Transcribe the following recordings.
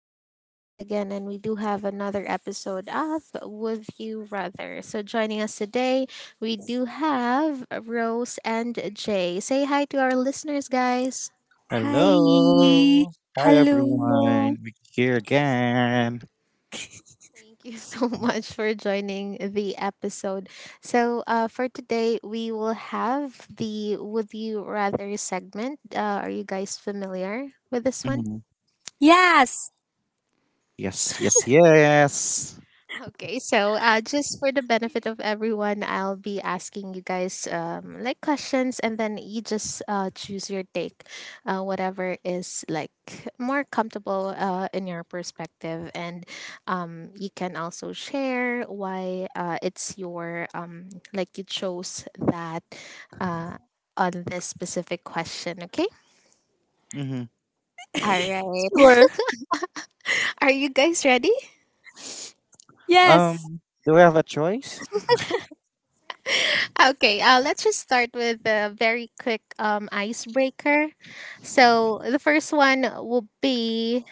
This is Julie again, and we do have another episode of Would You Rather. So, joining us today, we do have Rose and Jay. Say hi to our listeners, guys. Hi. Hello. Hi, Hello. everyone. We're here again. Thank you so much for joining the episode. So, for today, we will have the Would You Rather segment. Are you guys familiar with this one? hmm Yes. Yes, yes. yes. Okay, so just for the benefit of everyone, I'll be asking you guys like questions, and then you just choose your take, whatever is like more comfortable in your perspective, and you can also share why it's your like you chose that uh, on this specific question. Okay, hmm all right. Sure. Are you guys ready? Yes. Do we have a choice? Okay, let's just start with a very quick icebreaker. So, the first one will be,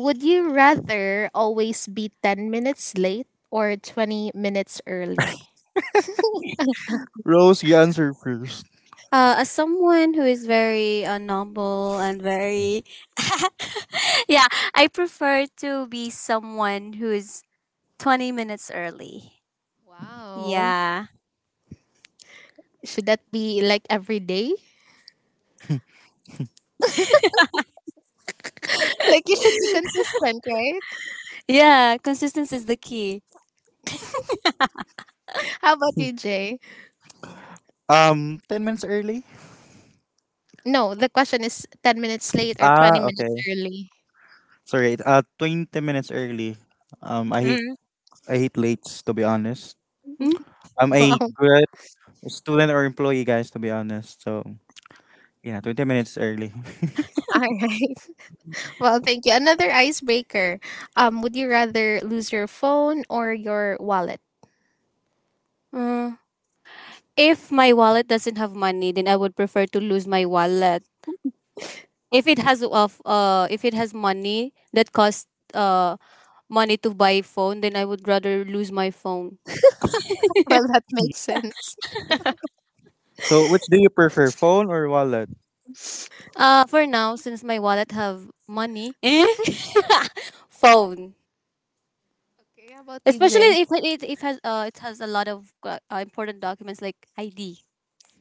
would you rather always be 10 minutes late or 20 minutes early? Rose, you answer first. As someone who is very noble and very, yeah, I prefer to be someone who is 20 minutes early. Wow. Yeah. Should that be like every day? Like, you should be consistent, right? Yeah. Consistency is the key. How about you, Jay? 10 minutes early? No, the question is 10 minutes late or Ah, 20 minutes okay. early. Sorry, 20 minutes early. Um, I hate, Mm. I hate lates, to be honest. Mm. I'm a Wow. good student or employee, guys, to be honest. So, yeah, 20 minutes early. All right. Well, thank you. Another icebreaker. Would you rather lose your phone or your wallet? Uh, if my wallet doesn't have money, then I would prefer to lose my wallet. If it has money that costs uh money to buy phone, then I would rather lose my phone. Well, that makes sense. So, which do you prefer, phone or wallet? For now, since my wallet have money, eh? Phone. Okay, how about you, Especially Jay? if it if has it has a lot of important documents like ID,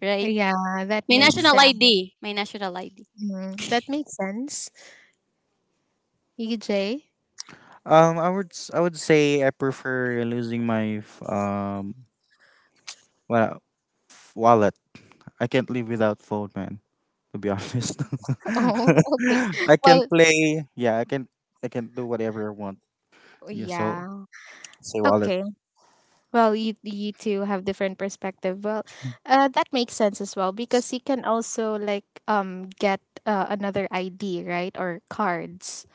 right? Yeah, that My makes national sense. ID, my national ID. That makes sense. You, Jay? I would say I prefer losing my well wallet. I can't live without phone, man. To be honest, Oh, okay. I can Well, play. Yeah, I can. I can do whatever I want. Yeah, so yeah. say wallet. Okay. Well, you two have different perspective. Well, that makes sense as well because you can also like get another ID, right, or cards.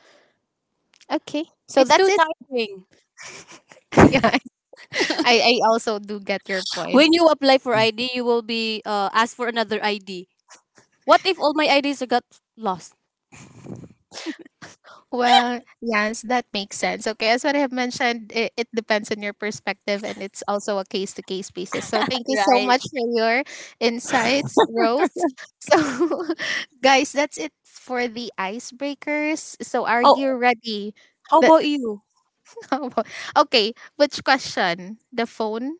Okay, so It's that's too it. tiring. Yeah, I also do get your point. When you apply for Mm. ID, you will be asked for another ID. What if all my IDs got lost? Well, yes, that makes sense. Okay, as what I have mentioned, it depends on your perspective and it's also a case to case basis. So thank you so Right. much for your insights, Rose. So, guys, that's it for the icebreakers. So, are Oh, you ready? how The, about you? okay, which question? The phone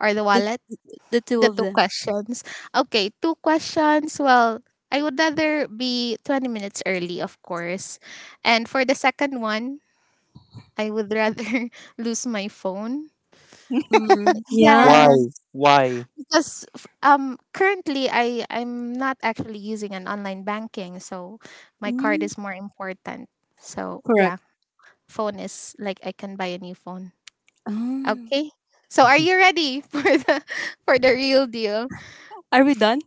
or the The wallet? the two The of two them. questions. Okay, two questions. Well, I would rather be 20 minutes early, of course. And for the second one, I would rather lose my phone. Mm, yeah. Why? Yeah, Why? because currently I'm not actually using an online banking, so my card Mm, is more important. So, yeah, correct. phone is like I can buy a new phone. Oh. Okay? So, are you ready for the real deal? Are we done?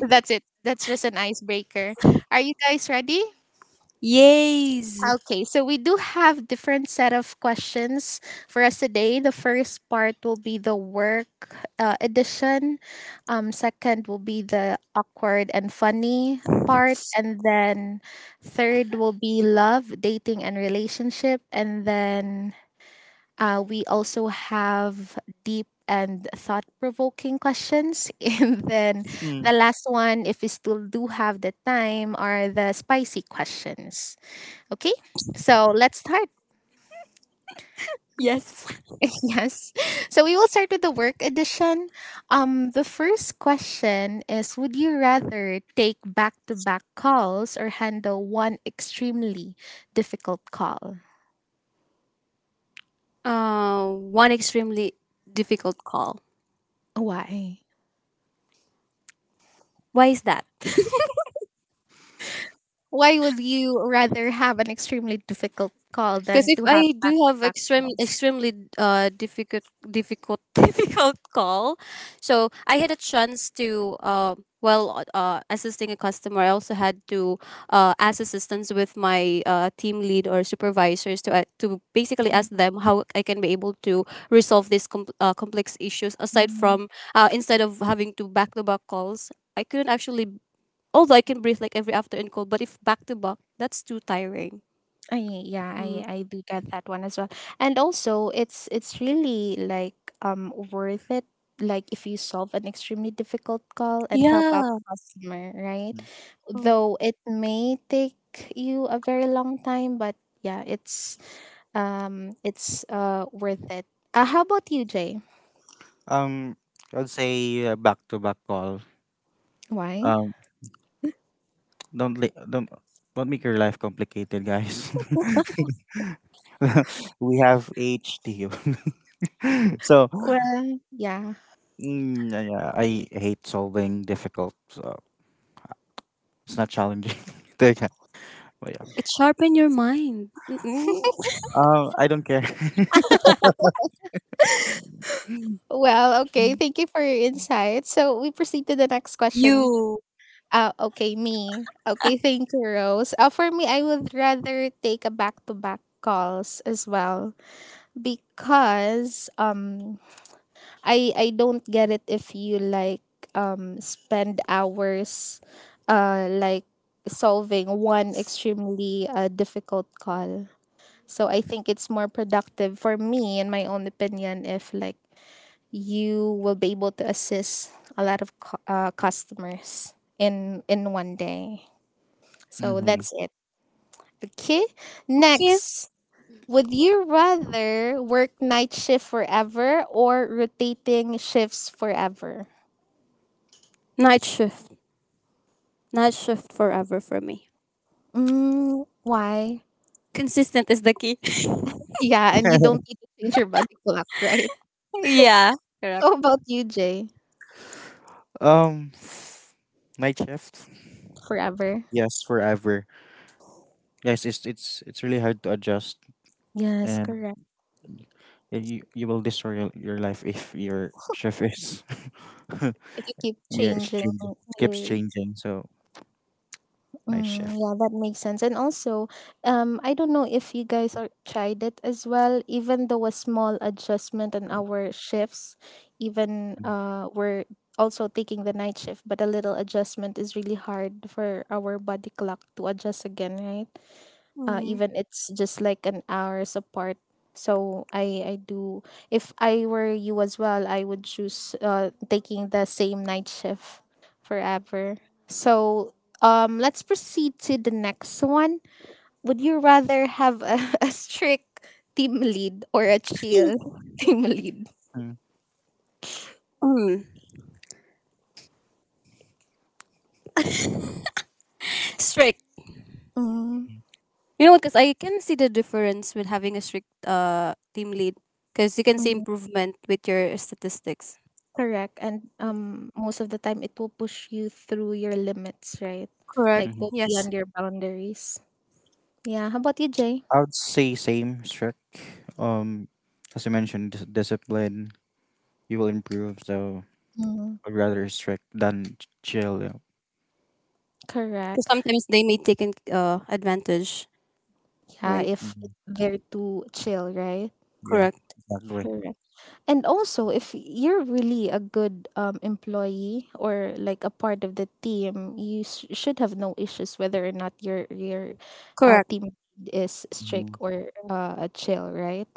That's it. That's just an icebreaker. Are you guys ready? Yays! Okay, so we do have different set of questions for us today. The first part will be the work edition. Second will be the awkward and funny part, and then third will be love, dating, and relationship, and then we also have deep and thought provoking questions. And then Mm. the last one, if we still do have the time, are the spicy questions. Okay? So let's start. Yes. Yes. So we will start with the work edition. The first question is, would you rather take back to back calls or handle one extremely difficult call? One extremely difficult call. Why? Why is that? Why would you rather have an extremely difficult call Because than if to have I do have back-to-back extremely calls? extremely uh difficult difficult difficult call, so I had a chance to well assisting a customer. I also had to ask assistance with my team lead or supervisors to basically ask them how I can be able to resolve these complex issues. Aside Mm-hmm. from instead of having to back calls, I couldn't actually, although I can breathe like every after and call, but if back to back, that's too tiring. I, yeah, Mm. I do get that one as well. And also, it's really like worth it. Like if you solve an extremely difficult call and help out Yeah. the customer, right? Though it may take you a very long time, but yeah, it's worth it. How about you, Jay? Um, I'd say back to back call. Why? Um, don't li- Don't make your life complicated, guys. We have HD. So Well, yeah. mm, yeah, yeah, I hate solving difficult, so it's not challenging. But yeah, but yeah. It sharpen your mind. Mm-mm. I don't care. Well, okay. Thank you for your insight. So we proceed to the next question. You Okay, me. Okay, thank you, Rose. For me, I would rather take a back-to-back calls as well because I don't get it if you like spend hours like solving one extremely difficult call. So I think it's more productive for me in my own opinion if like you will be able to assist a lot of customers in one day. So hmm that's it. Okay. can't Next, would you rather work night shift forever or rotating shifts forever? night shift. Night shift forever for me. Mm, why? Consistent is the key. Yeah, and you don't need to change your body clock, right? Yeah, correct. How about you, Jay? Um, night shift. Forever. Yes, forever. Guys, it's really hard to adjust, Yes, and correct. you will destroy your life if your shift is. If you keep Yeah, it's changing changing. It keeps your... changing. So night Mm, shift. yeah, that makes sense. And also, I don't know if you guys are tried it as well. Even though a small adjustment on our shifts, even we're also taking the night shift, but a little adjustment is really hard for our body clock to adjust again, right? Mm. even it's just like an hours apart, so I do. If I were you as well, I would choose taking the same night shift forever. So let's proceed to the next one. Would you rather have a strict team lead or a chill team lead? Mhm. Mm. Strict. Mm, You know what? Because I can see the difference with having a strict team lead. Because you can see mm, improvement with your statistics. correct. And most of the time it will push you through your limits, right? Correct. Like Mhm. go Yes. beyond your boundaries. Yeah, how about you, Jay? I would say same strict. Um, as you mentioned, discipline. You will improve. So Mm, I'd rather strict than chill. Yeah, Because correct. sometimes they may take an, advantage. Yeah, Right. if mhm. they're too chill, right? Yeah, Correct. exactly. Correct. And also, if you're really a good employee or like a part of the team, you should have no issues whether or not your Correct. team is strict Mhm. or chill, right?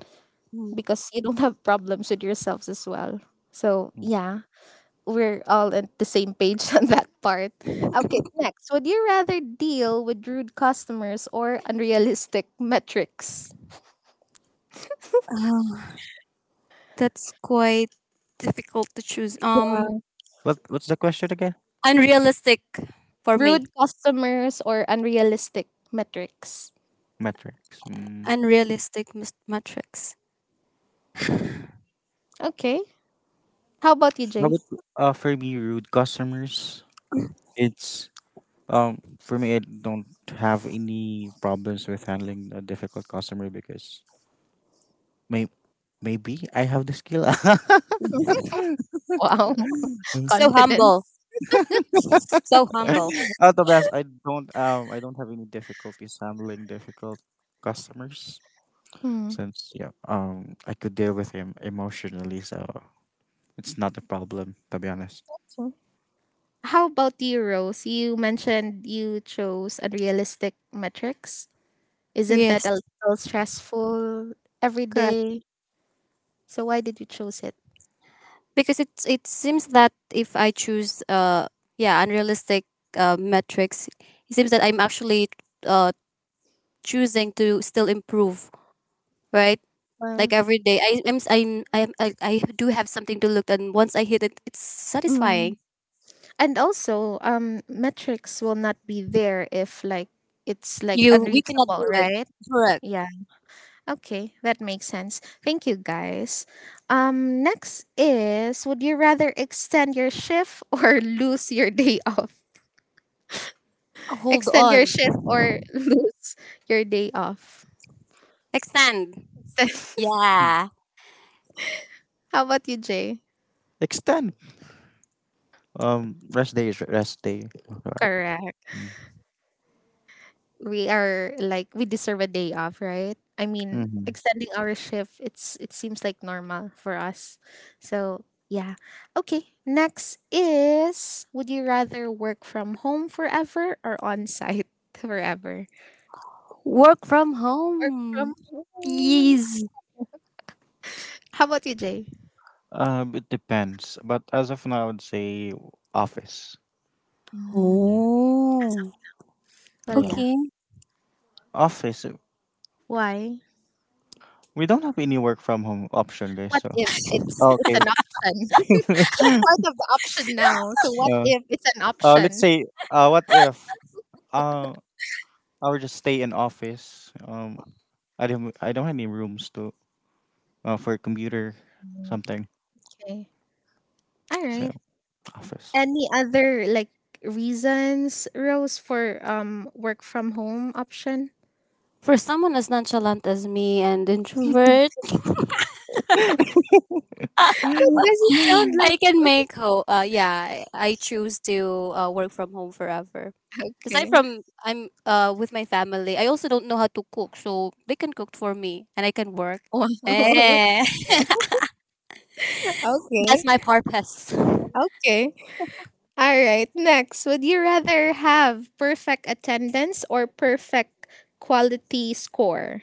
Mm. Because you don't have problems with yourselves as well. So mm yeah, we're all on the same page on that part. Okay, next. Would you rather deal with rude customers or unrealistic metrics? Uh, that's quite difficult to choose. What What's the question again? Unrealistic for me. Rude customers or unrealistic metrics. Metrics. Mm. Metrics. Okay. How about you, How Jay? about for me, rude customers? It's for me, I don't have any problems with handling a difficult customer because may maybe I have the skill. Wow, So humble. confidence. So humble. Otherwise, I don't have any difficulties handling difficult customers. Hmm. Since yeah, I could deal with him emotionally, so it's not a problem to be honest. So how about you, Rose? You mentioned you chose unrealistic metrics. Isn't that a Yes, little stressful every correct. day? So why did you choose it? Because it seems that if I choose yeah unrealistic metrics, it seems that I'm actually uh choosing to still improve, right? Like every day, I I'm s- I'm I do have something to look, and once I hit it, it's Well, satisfying. and also metrics will not be there if like it's like You, we cannot unreachable, do it. right? Correct. Yeah, okay, that makes sense. Thank you, guys. Next is, would you rather extend your shift or lose your day off? Hold Extend your on. shift or lose your day off? Extend. Hmm. Yeah. How about you, Jay? Extend. Rest day is rest day. Correct. We are like, we deserve a day off, right? I mean, Mm-hmm. extending our shift, it's it seems like normal for us. So yeah. Okay. Next is, would you rather work from home forever or on site forever? Work from Work from home. home. Yes. How about you, Jay? It depends, but as of now, I would say office. Yeah, Mm, as Oh, of- well, yeah, yeah. okay. office. Why? We don't have any work from home option, guys. What So if it's okay. an option? It's part of the option now. So what uh, if it's an let's option? say what if uh, I would just stay in office. I don't have any rooms to for a computer, something. Okay. All So right. office. Any other like reasons, Rose, for work from home option? For someone as nonchalant as me and introvert, That doesn't sound like... I can make ho. Yeah, I choose to work from home forever. Aside Okay. from I'm with my family, I also don't know how to cook, so they can cook for me and I can work. Wow. Eh. That's Okay. my purpose. Okay. All right. Next, would you rather have perfect attendance or perfect quality score?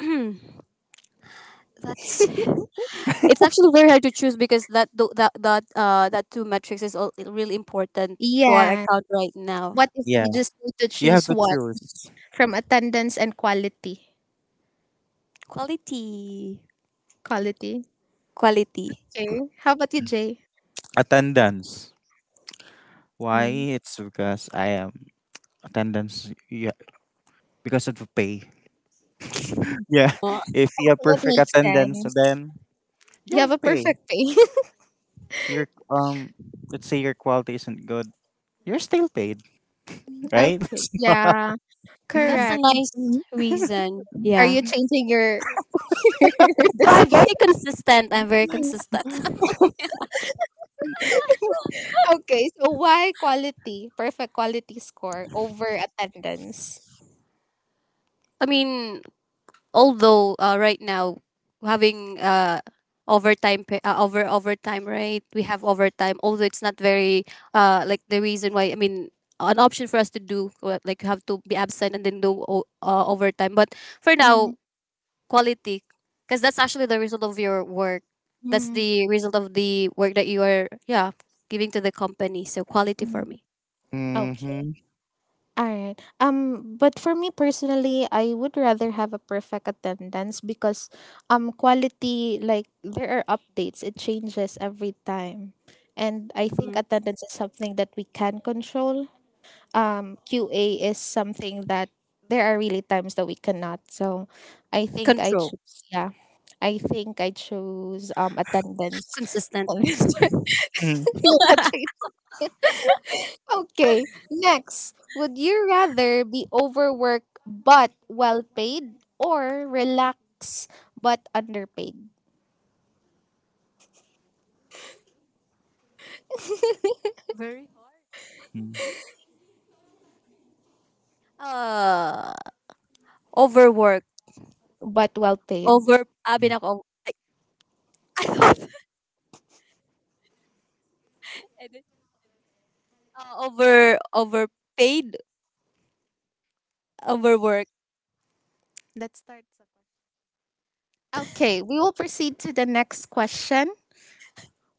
That's It's actually very hard to choose because that tho- that that that two metrics is all really important to our Yeah. account right now. What if Yeah, you just need to you have choose to one choose from attendance and quality? Quality, Quality. quality. Okay. How about you, Jay? attendance. Why? Mm. It's because I am attendance. Yeah, because of the pay. Yeah, Oh, if you have That perfect makes attendance, sense. then you You have a have pay. perfect day. Your Let's say your quality isn't good, you're still paid, right? Okay. Yeah. that's a Correct. nice reason. Are Yeah. you changing your your Well, I'm decision? very consistent. I'm very Mm-hmm. consistent. Okay, so why quality, perfect quality score over attendance? I mean, although right now having overtime, right, we have overtime, although it's not very like the reason why I mean an option for us to do like you have to be absent and then do overtime, but for Mm-hmm. now, quality, because that's actually the result of your work, that's Hmm. the result of the work that you are, yeah, giving to the company, so quality for me. Okay. All right. But for me personally, I would rather have a perfect attendance because quality, like there are updates. It changes every time. And I think Mhm. attendance is something that we can control. QA is something that there are really times that we cannot. So I think I Control. choose, yeah, I think I choose attendance Consistent. on this one. You're not changing. Okay, next. Would you rather be overworked but well paid or relax but underpaid Very hard. uh Overwork. but well paid? Over ah binako and then, overpaid overwork. Let's start. Sakura. Okay, we will proceed to the next question.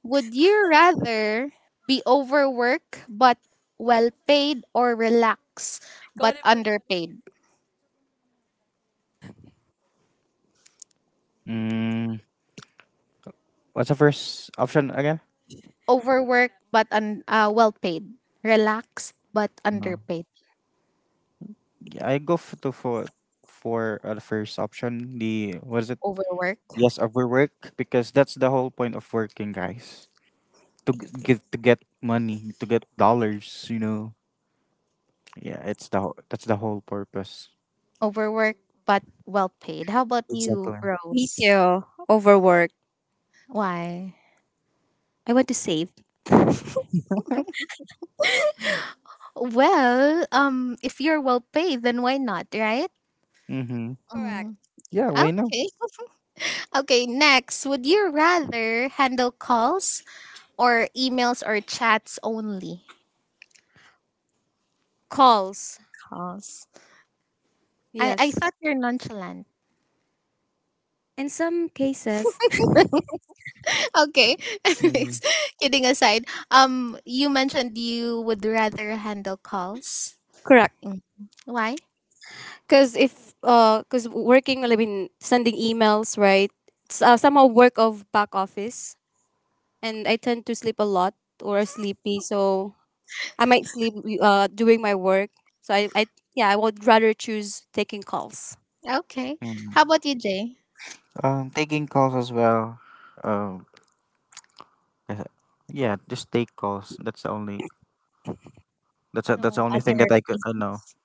Would you rather be overworked but well paid or relaxed Go on, but bro. underpaid? Mm. What's the first option again? Well paid. Relaxed but Mm. underpaid. Yeah, I go for the first option. The what is it? Overworked. Yes, overwork because that's the whole point of working, guys. To get money, to get dollars, you know. Yeah, it's that's the whole purpose. Overworked but well paid. How about you, Exactly. Me Rose? too. Overwork. Why? I want to save. Well, if you're well paid then why not, right? Mm-hmm. Correct. Mm. Yeah, we know. Okay. Okay, next, would you rather handle calls or emails or chats only? Calls. Calls. I Yes. thought you're nonchalant. In some cases. Okay. Mm-hmm. Anyways, kidding aside, you mentioned you would rather handle calls. Correct. Mm. Why? Because if because working, I mean, sending emails, right? It's somehow work of back office, and I tend to sleep a lot or sleepy, so I might sleep during my work. So, I yeah, I would rather choose taking calls. Okay. How about you, Jay? Taking calls as well. Um, uh, yeah, just take calls. That's the only. That's the No only thing other that I could. I know. reasons.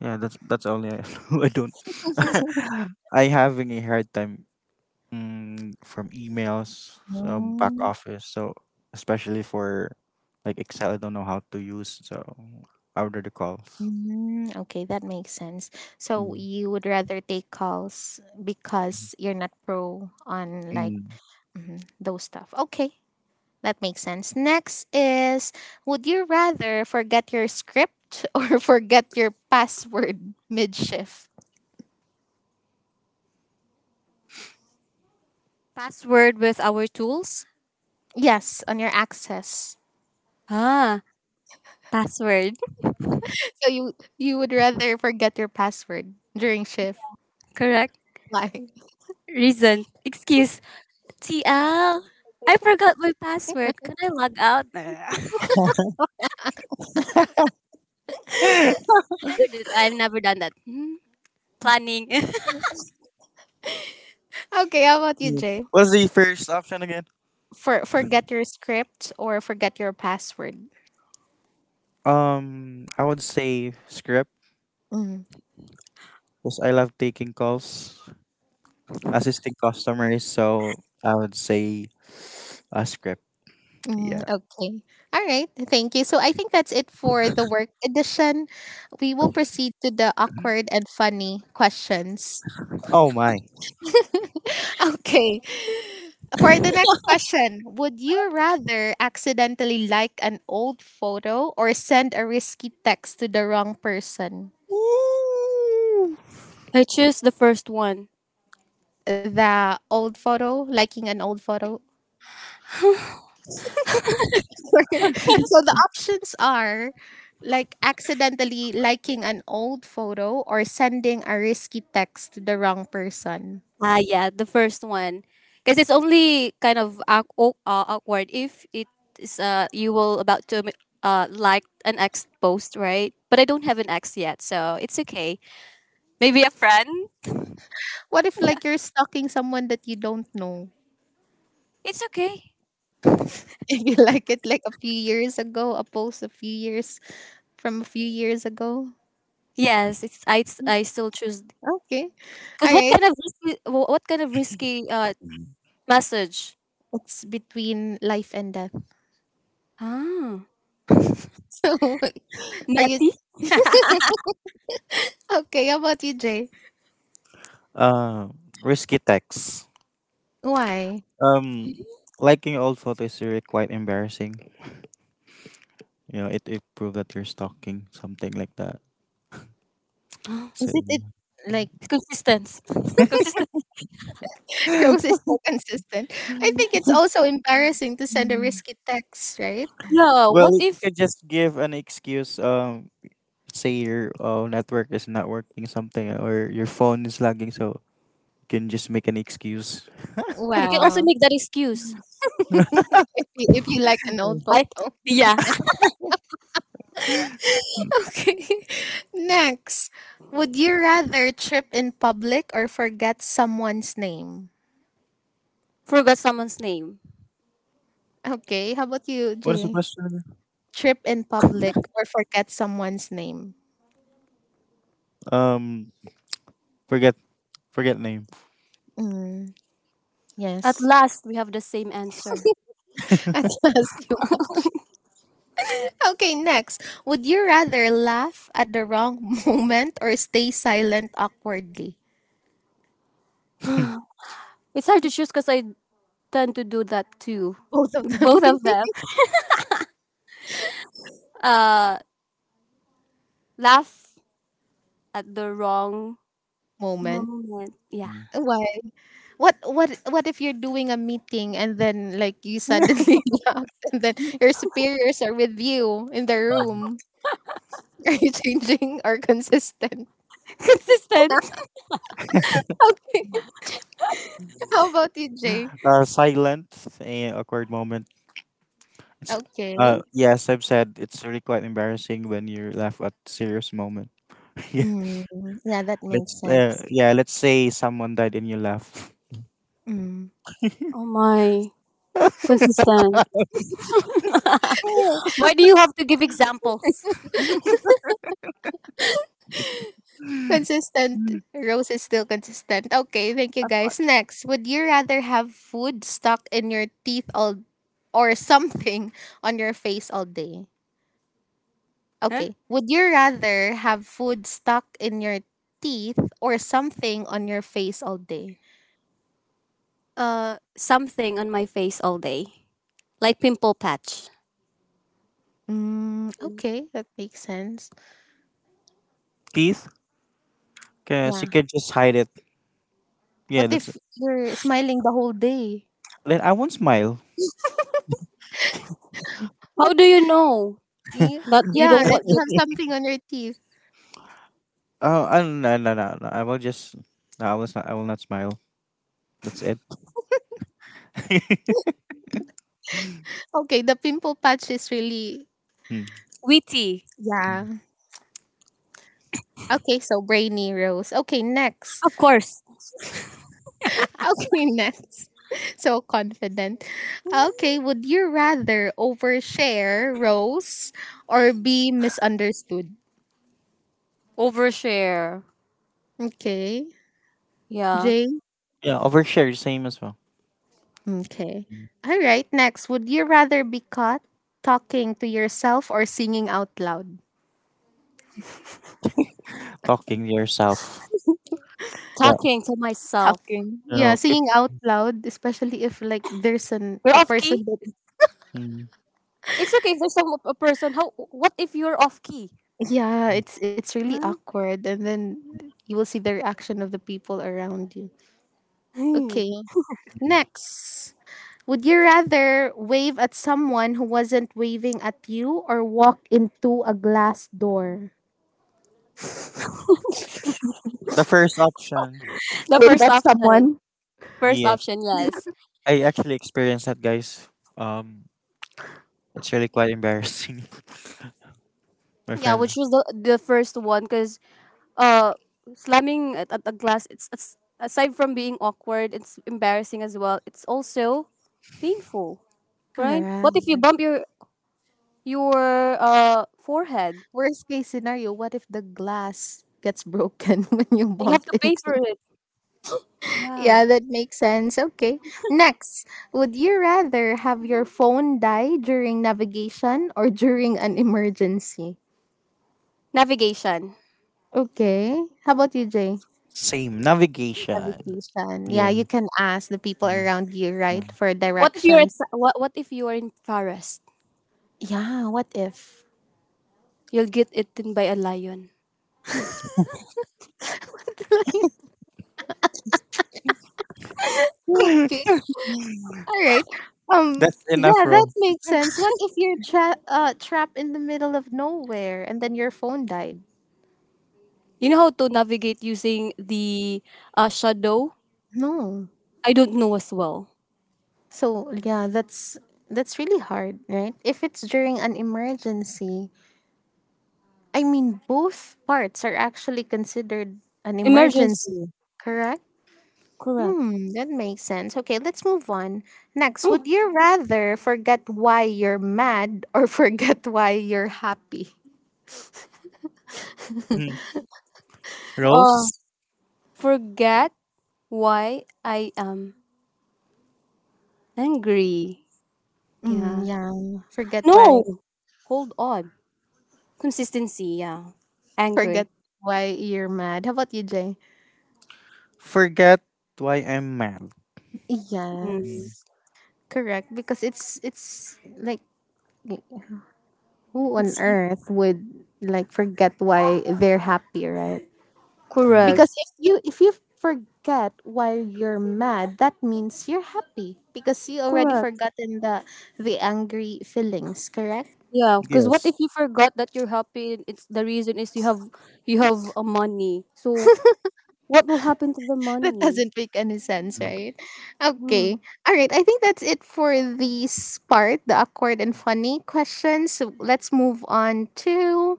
Yeah, that's only I, know. I don't. I having a hard time from emails, so back Mm, office. So especially for like Excel, I don't know how to use. So I order the calls. Okay, that makes sense. So Mm. you would rather take calls because you're not pro on like Mm. mhm, those stuff. Okay, that makes sense. Next is, would you rather forget your script or forget your password mid shift? Password with our tools? Yes, on your access. Ah, password. So you would rather forget your password during shift. Correct. Why? Reason. Excuse. T L. I forgot my password. Can I log out? I never did. I've never done that. Hmm. Planning. Okay, how about you, Mm. Jay? What's the first option again? Forget your script or forget your password. I would say script Mm, because I love taking calls, assisting customers. So I would say a script. mm, Yeah. okay. All right. Thank you. So I think that's it for the work edition. We will proceed to the awkward and funny questions. Oh my. Okay. For the next question, would you rather accidentally like an old photo or send a risky text to the wrong person? Woo! I choose the first one. The old photo, liking an old photo. So the options are like accidentally liking an old photo or sending a risky text to the wrong person. Ah, yeah, the first one. Because it's only kind of awkward if it is you will about to like an ex post, right? But I don't have an ex yet, so it's okay. Maybe a friend. What if like you're stalking someone that you don't know? It's okay. You like it like a few years ago, a post a few years from a few years ago. I still choose Okay. because All right. What kind of risky message? It's between life and death. Ah, So, are you Netty? okay? How about you, Jay? Um, Risky text. Why Um, Liking old photos is really quite embarrassing. You know, it proves that you're stalking something like that. So, did it like Consistence. Consistent. Rose is so consistent? I think it's also embarrassing to send a risky text, right? No, well, what you if can just give an excuse. Say your network is not working, something, or your phone is lagging. So you can just make an excuse. I can also Wow. make that excuse? If you like an old I photo. Yeah, Hmm, Okay. Next, would you rather trip in public or forget someone's name? forgot someone's name. Okay. How about you, what is the Jay? question again? Trip in public or forget someone's name? Um, forget Forget name. Hmm. At Yes. last, we have the same answer. At last, you. Okay, next. Would you rather laugh at the wrong moment or stay silent awkwardly? It's hard to choose because I tend to do that too. Both of them. Both of them. Uh, Laugh at the wrong Moment. moment. Yeah, Mm. Why? What if you're doing a meeting and then like you suddenly laugh and then your superiors are with you in the room? Are you changing or consistent? consistent. Okay. How about you, Jay? Silent and awkward moment. It's, Okay. yes, I've said it's really quite embarrassing when you laugh at serious moment. yeah, Mm, yeah, that makes sense. yeah, let's say someone died and you laugh. Mm. Oh my, consistent. Why do you have to give examples? Consistent. Rose is still consistent. Okay, thank you Of course. guys. Next, would you rather have food stuck in your teeth all or something on your face all day? Huh? Okay. Would you rather have food stuck in your teeth or something on your face all day? Something on my face all day, like pimple patch. Mm, okay, that makes sense. Teeth, cause you Yeah. can just hide it. Yeah, What that's. if you're smiling the whole day? Then I won't smile. How But do you know y- that you yeah, don't that want you it? have something on your teeth. Oh, no, no, no, no. I will just. No, I will not. I will not smile. That's it. Okay, the pimple patch is really Mm, Witty. yeah. mm. Okay, so brainy Rose. Okay, next. Of course. Okay, next. So confident. Okay, would you rather overshare Rose or be misunderstood? Overshare. Okay, Yeah. Jay. Yeah, overshare same as well. Okay. Mm. All right, next. Would you rather be caught talking to yourself or singing out loud? Talking to yourself. Yeah, Talking to myself. Talking. you Yeah, know, singing out loud, especially if like there's an You're a off person key. that mm, It's okay. If there's some a person. How? What if you're off key? yeah, mm, it's really Huh? awkward and then you will see the reaction of the people around you. Hmm. Okay, mm. next. Would you rather wave at someone who wasn't waving at you or walk into a glass door? The first option. The Wave first at option. someone. First option. Yes. I actually experienced that, guys. Um, it's really quite embarrassing. My Yeah, friends, which was the first one, because uh slamming at a glass, it's aside from being awkward, it's embarrassing as well, it's also painful, right? What if Correct. you bump your your forehead? Worst case scenario, what if the glass gets broken when you You have bump to pay into for it? it. Yeah. Yeah, that makes sense. Okay. Next, would you rather have your phone die during navigation or during an emergency? Navigation. Okay. How about you, Jay? same navigation. Navigation. Yeah, Yeah. you can ask the people Mm, around you, right, yeah. for What if you're directions. What if you are in forest? Yeah, what if? You'll get eaten by a lion. What do I- okay. All right. That's enough, Yeah, that Rose. makes sense. What if you're trapped in the middle of nowhere and then your phone died? You know how to navigate using the shadow. No. I don't know as well. So, yeah, that's really hard, right? If it's during an emergency, I mean both parts are actually considered an Emergency. emergency, correct? Correct. Hmm, that makes sense. Okay, let's move on. Next, Mm. would you rather forget why you're mad or forget why you're happy? Mm. F- uh Rose, Forget why I am angry. Mm, Yeah. yeah, No! Hold on. Consistency, yeah. Angry. forget why you're mad. How about you, Jay? forget why I'm mad. Mm. Mm, Yes, correct. Because it's like who on It's earth would like forget why they're happy, right? mm, correct. Because if you forget why you're mad, that means you're happy because you already Correct. forgotten the angry feelings, correct? Yeah, because what yes. if you forgot that you're happy? It's, the reason is you have, you have a money. So what will happen to the That money? doesn't make any sense, right? Hmm. Okay. All right, I think that's it for this part, the awkward and funny questions. So let's move on to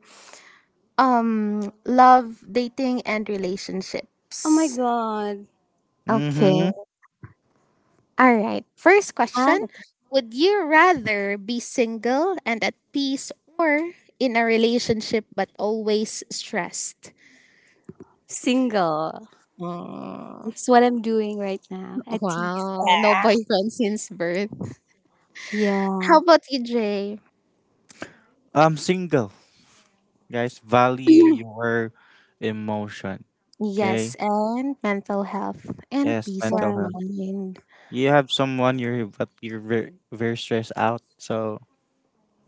love, dating and Oh my relationships. god. Okay. Mm-hmm. All right. First Ah, question. okay. Would you rather be single and at peace or in a relationship but always stressed? Single. Oh, That's what I'm doing right now. At least. wow. No boyfriend since birth. How Yeah. about you, Jay? I'm single, guys. Value your emotion. Okay. Yes, and mental health and Yes, peace of mental health. Right. mind You have someone you're but you're very very stressed out, so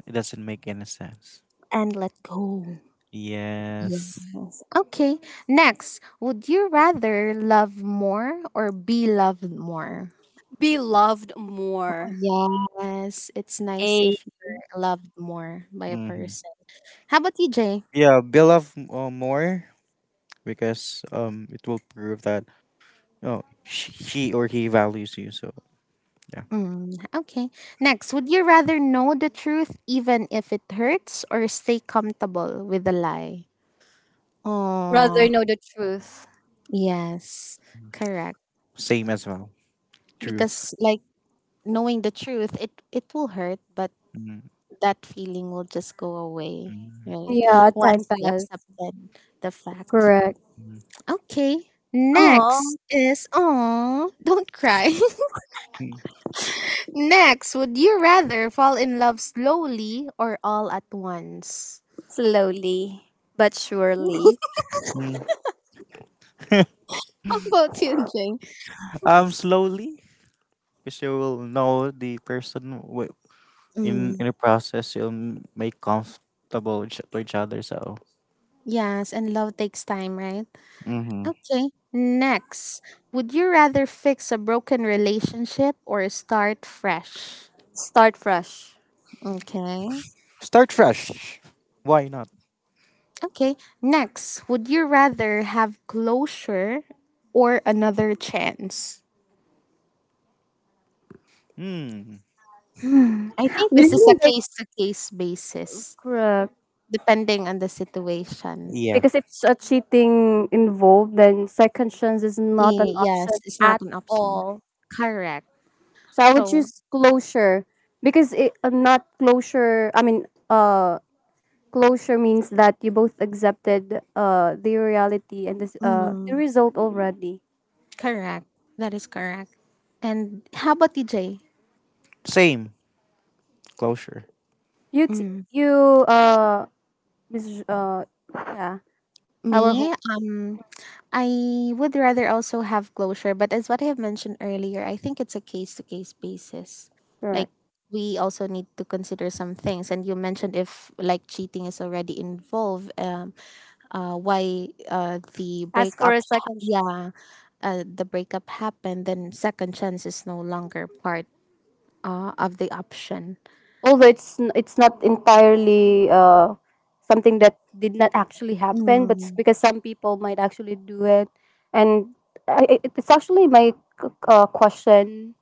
it doesn't make any sense. and let go. Yes. Yes. Okay. Next, would you rather love more or be loved more? Be loved more. Yes, it's nice A if you're loved more by a hmm person. How about you, Jay? Yeah, bill off more because it will prove that she or he values you. So yeah, Mm, okay. Next, would you rather know the truth even if it hurts or stay comfortable with a lie? brother Oh, know the truth. yes, correct. same as well. Truth. Because like knowing the truth, it will hurt, but Mm, that feeling will just go away, mm, right? Yeah, time Once you pass. accepted the fact. Correct. mm, Okay. Oh, Next is oh, don't cry. mm, Next, would you rather fall in love slowly or all at once? slowly but surely. mm. How about you, Jane? Slowly, because you will know the person Mm, in the process. You'll make comfortable with to each other. So yes, and love takes time, right? hmm Okay. Next, would you rather fix a broken relationship or start fresh? Start fresh. Okay. start fresh. Why not? Okay. Next, would you rather have closure or another chance? Mm. I think We this is a didn't like case to case basis, correct. depending on the situation. Yeah. Because if a cheating involved, then second chance is not an option Yes, it's not at an option. all. Correct. So I would So, choose closure because it not closure. I mean, closure means that you both accepted the reality and this the mm, result already. correct. That is correct. And how about you, Jay? Same closure. You t- Mm. you Miss yeah our Me, home, um, I would rather also have closure, but as what I have mentioned earlier, I think it's a case to case basis. Like correct. we also need to consider some things, and you mentioned if like cheating is already involved, why the As for breakup, a second, yeah, the breakup happened, then second chance is no longer part of the option. although it's not entirely something that did not actually happen, but it's Mm, because some people might actually do it, and it's actually my question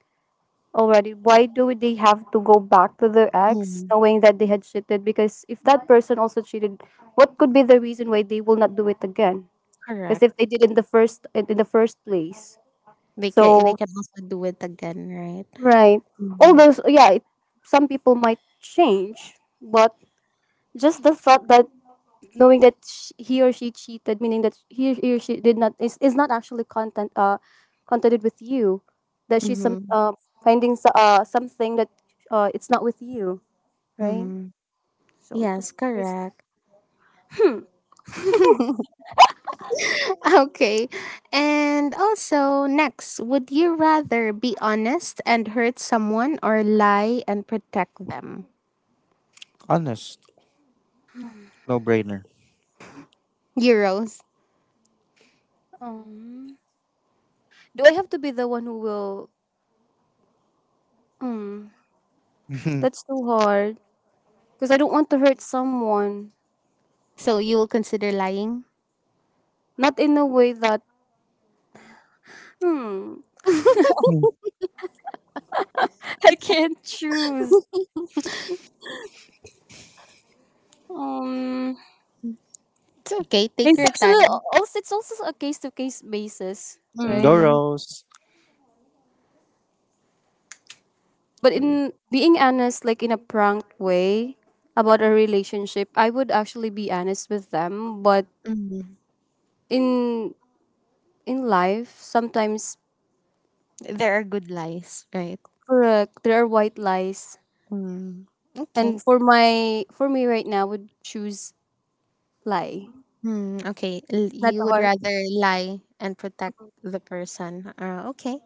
already. Why do they have to go back to their ex, mm, knowing that they had cheated? Because if that person also cheated, what could be the reason why they will not do it again? Because correct. if they did in the first place, so They can also do it again, right? right. Mm-hmm. Yeah, some people might change, but just the thought that knowing that sh he or she cheated, meaning that he or she did not, is not actually content, contented with you, that she's some Mm-hmm. Finding something that it's not with you, right? Mm-hmm. So it Yes, there's, correct. Okay. And also next, would you rather be honest and hurt someone or lie and protect them? Honest. No brainer. Euros. um, do I have to be the one who will? Mm, that's too hard because I don't want to hurt someone. So you will consider lying? Not in a way that, hmm, I can't choose. Um, It's okay. Take it's your time. actually also, it's also a case to case basis, right? Mm-hmm. Goros. But Yeah, in being honest, like in a prank way about a relationship, I would actually be honest with them. But in in life, sometimes There are good lies, right? correct there are white lies, Mm. Okay. and for my, for me right now, I would choose lie, Hmm. Okay. Not You the would hard, rather lie and protect the person. Okay.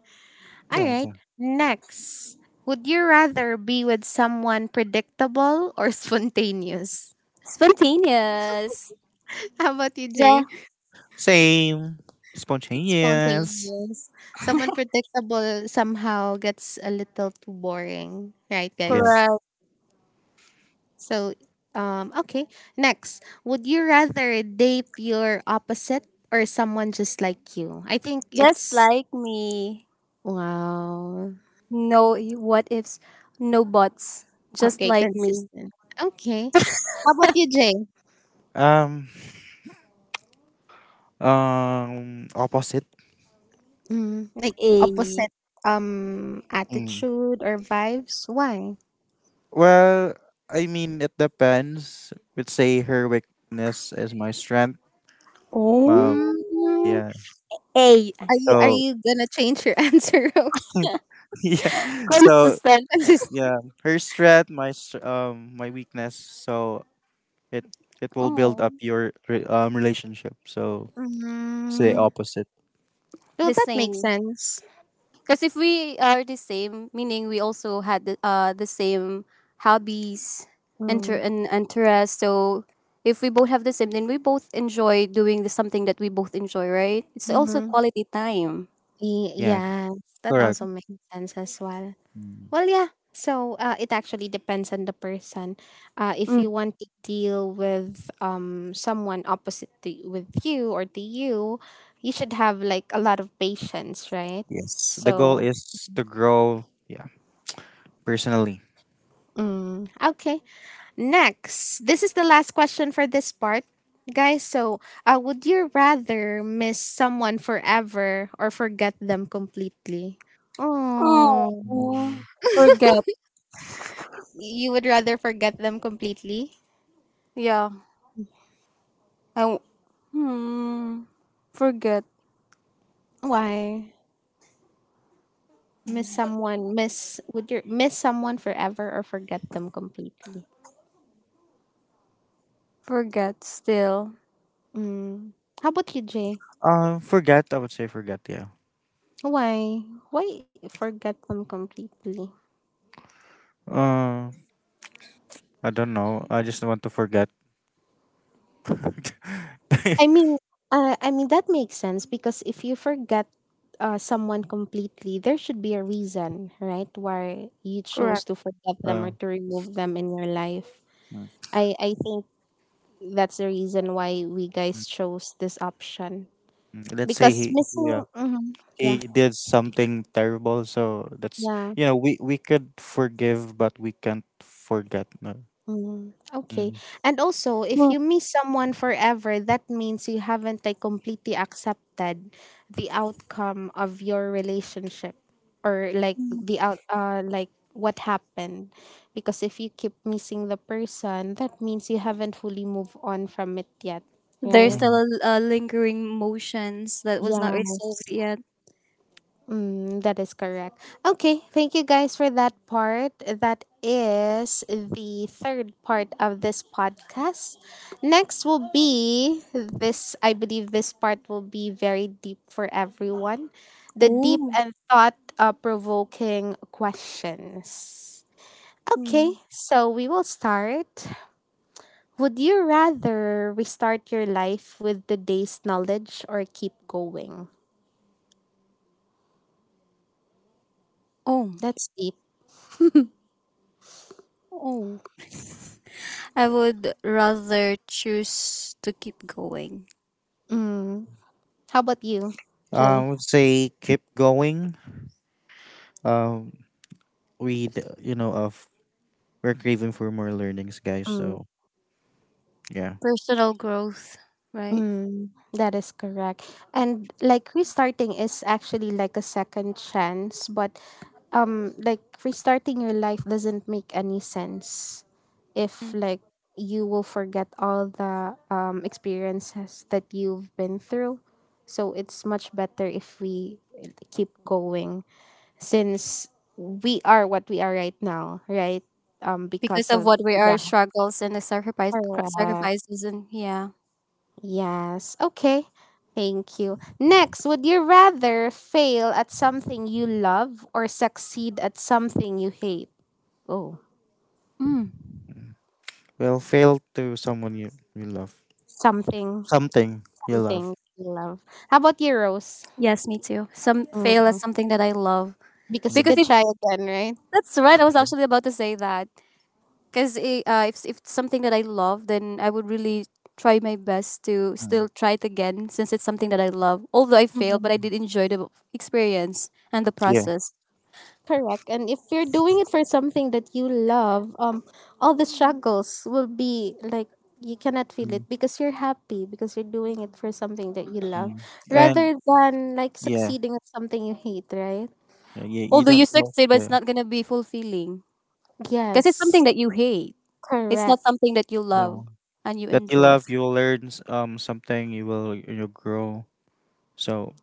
All yeah. right. Next. Would you rather be with someone predictable or spontaneous? spontaneous. How about you, Yeah, Jay? Same. Spontaneous. Spontaneous. Someone predictable somehow gets a little too boring, right, Yeah. guys? correct. So, okay. Next, would you rather date your opposite or someone just like you? I think Just it's like me. wow. No y- what ifs, no buts. Just Okay, like me. consistent. Okay. How about you, Jay? Um. Opposite. Mm, like A. opposite Mm. attitude or vibes? Why? Well, I mean, it depends. Would say her weakness is my strength. Um. Oh. Mm, Yeah. A. Are So. you gonna change your answer, Rose? Yeah. So. Consistent. Consistent. Yeah. Her strength, my weakness. So it it will build Oh, up your relationship. So say Mm, opposite. well, the that makes same. sense. Because if we are the same, meaning we also had the same hobbies Mm, and interests. So if we both have the same, then we both enjoy doing the something that we both enjoy, right? It's also mhm. quality time. Yeah. Yeah, that Correct. also makes sense as well. Mm. Well, yeah. So it actually depends on the person. If Mm. you want to deal with someone opposite to, with you or to you, you should have like a lot of patience, right? Yes, the goal So, is to grow, yeah, personally. mm, okay. Next, this is the last question for this part, guys. So, would you rather miss someone forever or forget them completely? Oh, Oh, Mm, forget. you would rather forget them completely? Yeah. I w- hmm, forget, Why? Miss someone, miss would you miss someone forever or forget them completely? forget still. Mm. How about you, Jay? Forget, I would say forget, yeah. Why? Why forget them completely? Uh, I don't know. I just want to forget. uh, I mean, I mean that makes sense because if you forget someone completely, there should be a reason, right? Why you chose Correct. to forget them or mm, to remove them in your life. I think that's the reason why we guys chose this option mm, let's say because he, missing. yeah, Mhm, he yeah, did something terrible, so that's, yeah. you know, we could forgive, but we can't forget. No. Mm, okay. Mm. And also, if Well, you miss someone forever, that means you haven't like completely accepted the outcome of your relationship or like mm, the out like what happened. Because if you keep missing the person, that means you haven't fully moved on from it yet, there's right? still Mm. A lingering motions that was not resolved Yes. yet. Mm, that is correct. Okay, thank you guys for that part. That is the third part of this podcast. Next will be this, I believe this part will be very deep for everyone. The deep Oh, and thought provoking questions. hmm. Okay, so we will start. Would you rather restart your life with today's knowledge or keep going? Oh, That's deep. oh. I would rather choose to keep going. Mm. How about you, I Jay? would say keep going. Um, you know, of we're craving for more learnings, guys. Mm, So yeah. Personal growth, right? mm, that is correct. And like restarting is actually like a second chance, but like restarting your life doesn't make any sense if Mm. like you will forget all the experiences that you've been through. So it's much better if we keep going since we are what we are right now, right? Because Because of of what we are yeah, struggles and the sacrifice, cr- correct. sacrifices, and yeah. Yes. Okay. Thank you. Next, would you rather fail at something you love or succeed at something you hate? Oh, Mm. Well, fail to you love. something, Something you love. something you love. How about you, Rose? Yes, me too. Some fail as Mhm. something that I love. Because you Because Mm, could if try again, right? That's right. I was mm, actually about to say that because if it's something that I love, then I would really try my best to mm, still try it again since it's something that I love. Although I failed, Mhm. but I mm. did enjoy the experience and the Yeah. process. Correct. And if you're doing it for something that you love, all the struggles will be like you cannot feel Mm, it because you're happy because you're doing it for something that you love mm. And rather than like yeah, succeeding at something you hate, right? yeah, you Although you don't love succeed, but it's fail. not gonna be fulfilling because it's something Yes, that you hate. It's not correct. something that you love No. and you That you enjoy. love, you will learn something, you grow. So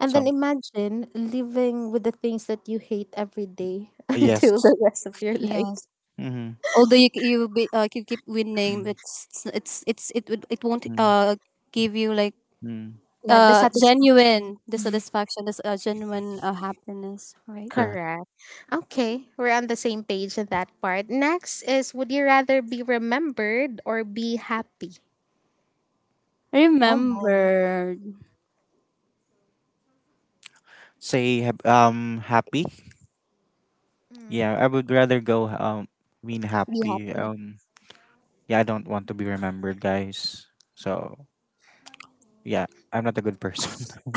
And then some imagine living with the things that you hate every day until yes. the rest of your life. Yes. Mm-hmm. Although you be you keep winning, Mm-hmm. it's it would it won't give you like Mm-hmm. That the satisfaction. genuine the satisfaction this genuine happiness, right? Correct. Correct. Okay, we're on the same page in that part. Next is would you rather be remembered or be happy? I Oh my. remember. Happy. Mm, Yeah, I would rather go mean be happy. happy. Yeah, I don't want to be remembered, guys. So yeah, I'm not a good person.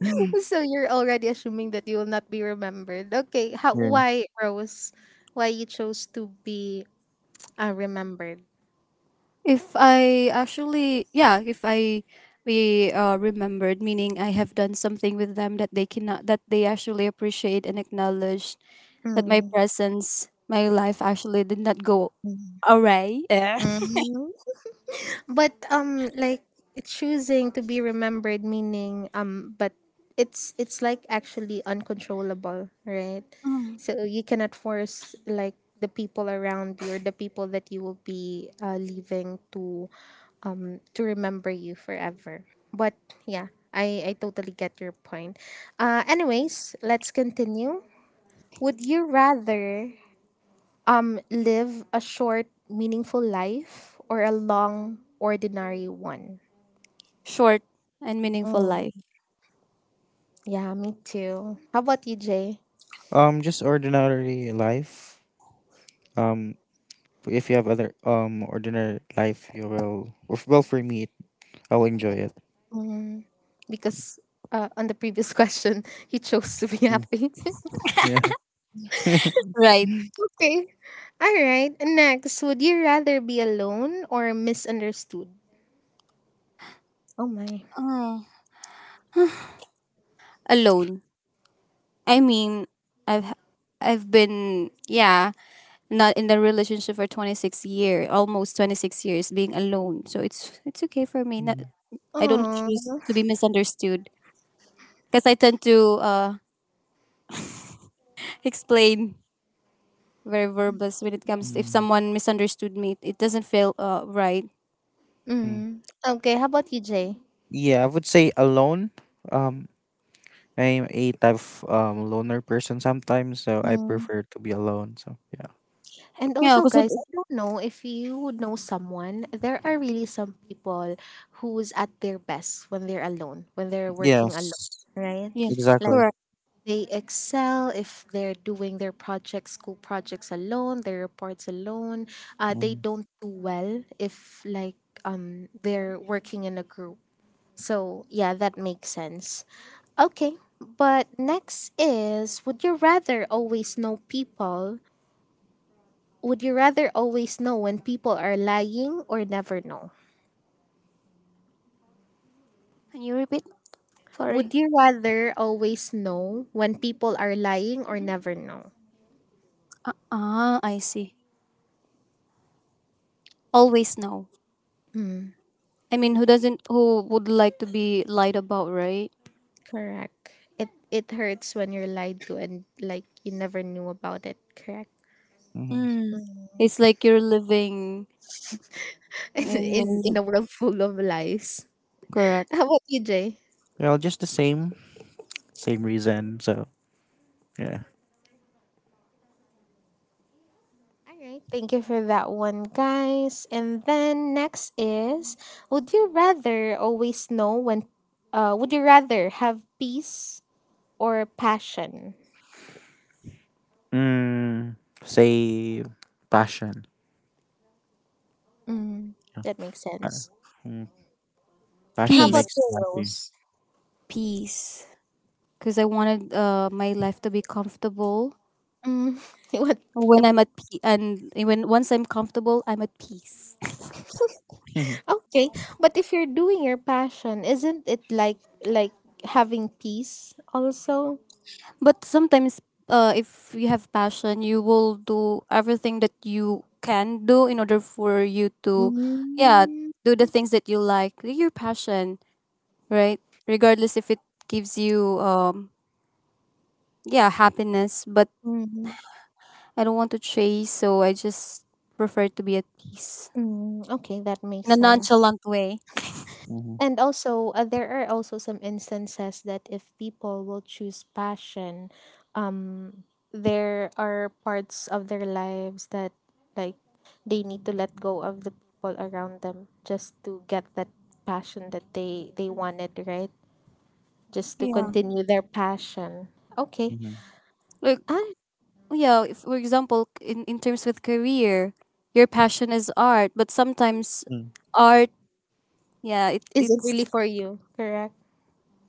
So you're already assuming that you will not be remembered. Okay, how Yeah. why Rose? Why you chose to be remembered? If I, we remembered, meaning I have done something with them that they cannot that they actually appreciate and acknowledge, that my Mm, presence, my life actually did not go mm, awry. Eh. mm. But like choosing to be remembered meaning but it's like actually uncontrollable, right? Mm. So you cannot force like the people around you or the people that you will be leaving to remember you forever. But yeah, I totally get your point. Anyways, let's continue. Would you rather live a short meaningful life or a long ordinary one? Short and meaningful Mm. life, Yeah, me too. How about you, Jay? Just ordinary life. Um, if you have other ordinary life, Well, for me, I'll enjoy it. Mm. Because on the previous question, you chose to be Mm, happy. yeah. right? Okay. All right. Next, would you rather be alone or misunderstood? Oh my. Alone. I mean, I've I've been, yeah, not in a relationship for 26-year, almost 26 years being alone. So it's okay for me. Not, Mm, I don't Oh. choose to be misunderstood because I tend to explain, very verbose, when it comes if mm, someone misunderstood me. It doesn't feel right. mm. Mm. Okay. How about you, Jay? Yeah, I would say alone. Um, I'm a type of loner person sometimes, so I Mm. prefer to be alone. So yeah. And Yeah, also, because guys, I don't know if you know someone. There are really some people who's at their best when they're alone, when they're working alone, Yes. right? yes, Like Exactly. correct. they excel if they're doing their projects, school projects alone, their reports alone. They Mm-hmm. don't do well if like they're working in a group. So yeah, that makes sense. Okay, but next is would you rather always know people? Would you rather always know when people are lying or never know? Can you repeat? Sorry. Would you rather always know when people are lying or never know? Ah, I see. Always no. I mean, who doesn't? Who would like to be lied about, right? Correct. It hurts when you're lied to and like you never knew about it. Correct. Mm. It's like you're living in, In in- a world full of lies. correct. How about you, Jay? Well, just the same, same reason. So yeah. All right. Thank you for that one, guys. And then next is, would you rather always know when? Would you rather have peace or passion? Mm, Say passion. Mm, Yeah, that makes parang, sense. mm, How passion about makes you peace, you, happy. Rose? peace. Because I wanted my life to be comfortable. Mm, you want a. When I'm at peace, and when once I'm comfortable, I'm at peace. Okay, but if you're doing your passion, isn't it like having peace also? But sometimes, if you have passion, you will do everything that you can do in order for you to, yeah, Mm. do the things that you like, your passion, right? Regardless if it gives you, yeah, happiness. But Mm. I don't want to chase, so I just prefer to be at peace Mm. Okay, that makes in a sense. nonchalant way. hmm And also, there are also some instances that if people will choose passion, um, there are parts of their lives that like they need to let go of the people around them just to get that passion that they wanted, right? Just to Yeah. continue their passion. Okay. hmm Like Ah, yeah, if, for example, in terms with career, your passion is art, but sometimes art, yeah, it is it really it's for you? Correct.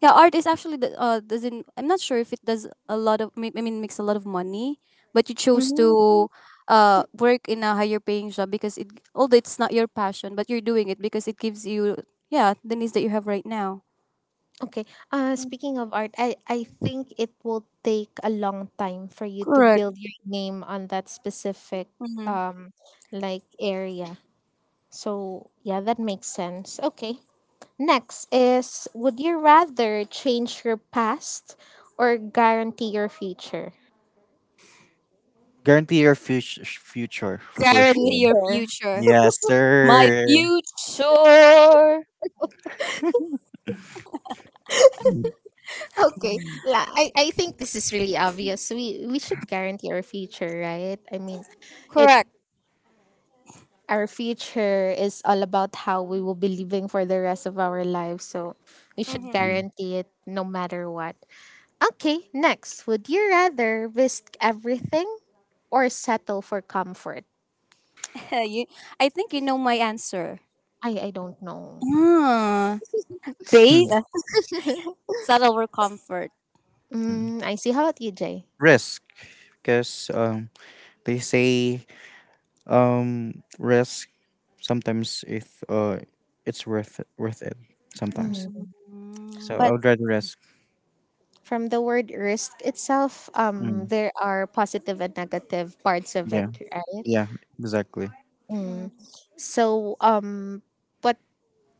yeah, art is actually the doesn't, I'm not sure if it does a lot of I mean makes a lot of money, but you chose Mhm. to work in a higher paying job because it, although it's not your passion, but you're doing it because it gives you, yeah, the needs that you have right now. Okay. Speaking of art, I think it will take a long time for you to Correct. build your name on that specific um like area. So yeah, that makes sense. Okay. Next is would you rather change your past or guarantee your future? Guarantee your future future for Guarantee sure. your Future. future. Yes, My sir. future. Okay. La, I think this is really obvious. We should guarantee our future, right? I mean, it Correct. our future is all about how we will be living for the rest of our lives. So we should Hmm. Mm. guarantee it no matter what. Okay, next. Would you rather risk everything or settle for comfort? You, I think you know my answer. I don't know. Ah, base Hmm. subtle or comfort. Hmm. Mm, I see. How about you, Jay? Risk, because they say risk sometimes if it's worth it sometimes. Mm, Mm. So I But would rather risk. from the word risk itself, Mm. there are positive and negative parts of it, Yeah, right? yeah, exactly. Mm. mm, So, but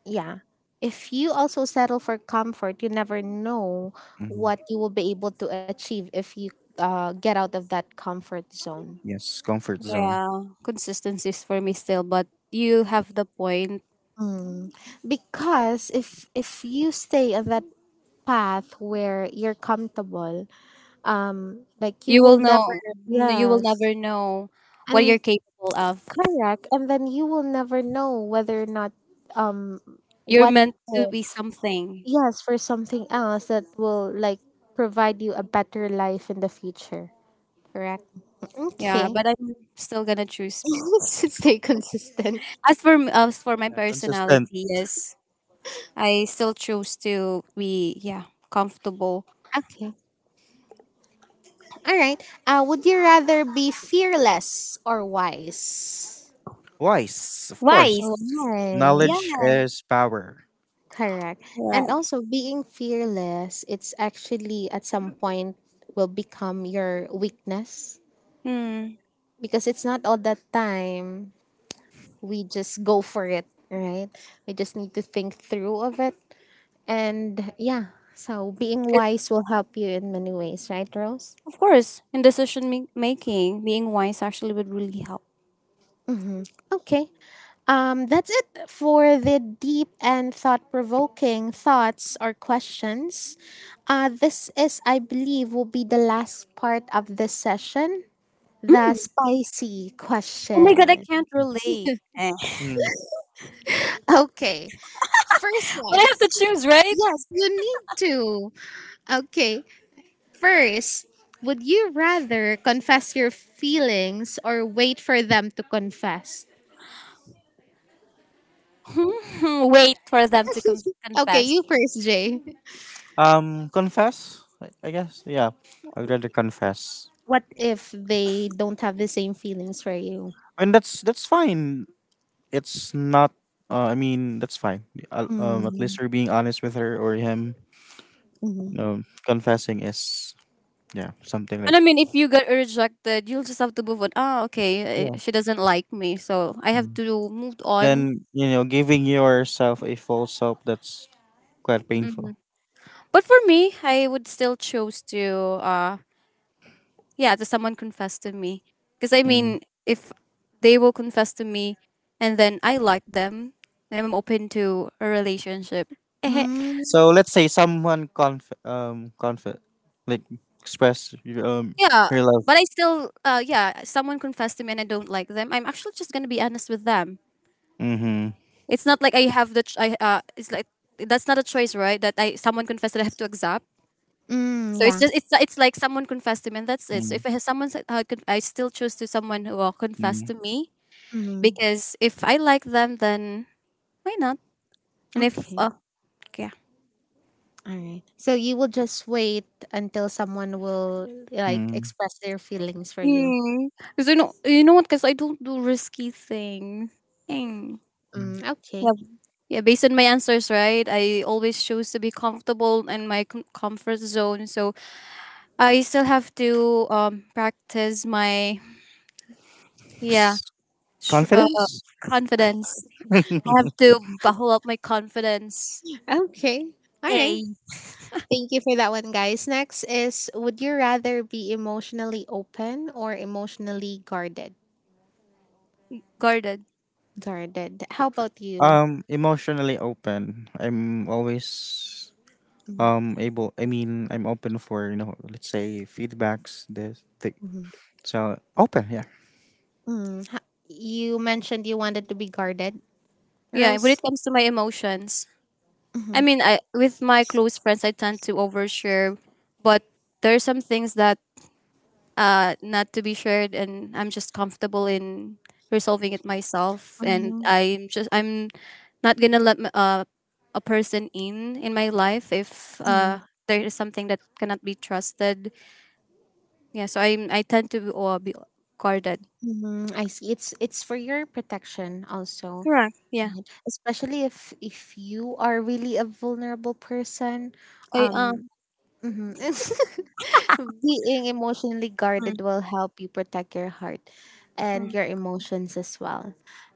yeah. If you also settle for comfort, you never know hmm what you will be able to achieve if you get out of that comfort zone. Yes, comfort zone. yeah, consistency is for me still, but you have the point. Mm. Because if you stay on that path where you're comfortable, like you You will will never know. You will yes, never know what you're and capable of. correct, and then you will never know whether or not um You're what meant to if, be something. yes for something else that will like provide you a better life in the future. Correct. Yeah, Okay. but I'm still gonna choose. Just stay consistent. As for my Yeah, consistent. personality, yes, I still chose to be, yeah, comfortable, Okay. All right. Would you rather be fearless or wise? Wise, of course. wise. Yeah, Knowledge Wise. is power. Correct. And right. also, being fearless, it's actually at some point will become your weakness Hmm. because it's not all the time we just go for it, right? We just need to think through of it. And yeah, so being wise will help you in many ways, right, Rose? Of course, in decision making, being wise actually would really help. Hmm. Okay. That's it for the deep and thought provoking thoughts or questions. This is, I believe, will be the last part of this session the Mm. spicy Oh my god, I question. can't relate. Eh. Mm. Okay. First But one. I have to choose, right? Yes, you need to. Okay. First, would you rather confess your feelings or wait for them to confess? Wait for them to Okay, confess. you first, Jay. I guess. Yeah, I'd rather confess. What if they don't have the same feelings for you? And that's fine. It's not. I mean, that's fine. At least Mm, you're being honest with her or him. mhm. No, confessing is yeah something like And I mean, if you get rejected, you'll just have to move on. Ah, okay, yeah. eh, she doesn't like me, so I have Mm. to move on. Then you know, giving yourself a false hope that's quite painful. But for me, I would still choose to yeah, to someone confess to me because I Mm-hmm. mean, if they will confess to me and then I like them, then I'm open to a relationship. Eh, Mm, So let's say someone conf conf like express your yeah, her love. but I still yeah, someone confessed to me and I don't like them, I'm actually just gonna be honest with them. Mm-hmm. It's not like I have the ch- I it's like that's not a choice, right, that I, someone confessed that I have to accept. mm, So it's yeah. just it's like someone confessed to me and that's it. So if I have someone said- I, could, I still choose to someone who will confess to me, Mm, because if I like them, then why not? And if okay. Yeah. All right. So you will just wait until someone will like Mm-hmm. express their feelings for you. Mm. 'Cause you know what? Cause I don't do risky things. Mm. Mm, hmm Yeah. okay. Yeah. Based on my answers, right? I always choose to be comfortable in my comfort zone. So I still have to practice my, yeah, sh- uh, Confidence? confidence. I have to buckle up my confidence. Okay. All right. A Thank you for that one, guys. Next is would you rather be emotionally open or emotionally guarded? guarded. Guarded. How about you? Emotionally open. I'm always Mm, able. I mean, I'm open for you know, let's say feedbacks. This thing. mhm. So open, yeah. Mm, ha- you mentioned you wanted to be guarded, Yeah. When it Rose. comes to my emotions, I Mm-hmm. mean, I, with my close friends, I tend to overshare, but there are some things that, not to be shared, and I'm just comfortable in resolving it myself. And Mm-hmm. I'm not gonna let a person in my life if, there is something that cannot be trusted. Yeah, so I tend to be guarded. Mm-hmm. I see. It's for your protection also, Correct. Yeah. right? Especially if you are really a vulnerable person. I Um, um. mhm. Being emotionally Mm, guarded will help you protect your heart and mm. your emotions as well.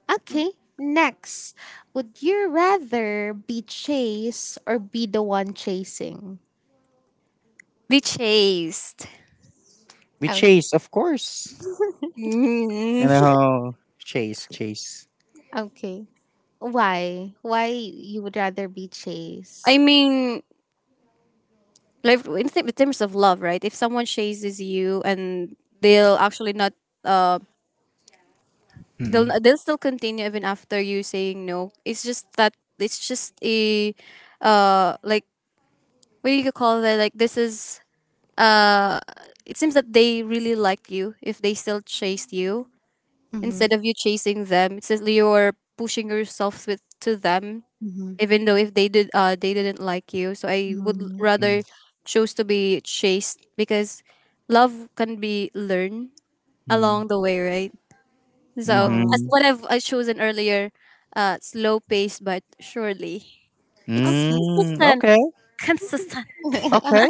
Okay, next, would you rather be chased or be the one chasing? Be chased. We Oh, chase, of course. You Mm. know, chase, chase. okay. Why? Why you would rather be I chased? mean, like in, in terms of love, right? If someone chases you and they'll actually not um. They'll Mm-hmm. they'll still continue even after you saying no. It's just that it's just a like what do you call that? Like this is uh it seems that they really liked you if they still chased you Mm-hmm. instead of you chasing them. It's just you're pushing yourself with to them Mm-hmm. even though if they did they didn't like you. So I would Mm-hmm. rather choose to be chased because love can be learned Mm-hmm. along the way, right? So, Oh, as Mm-hmm. what I chosen earlier, slow pace but surely. It's okay. Mm, consistent. okay, Consistent okay.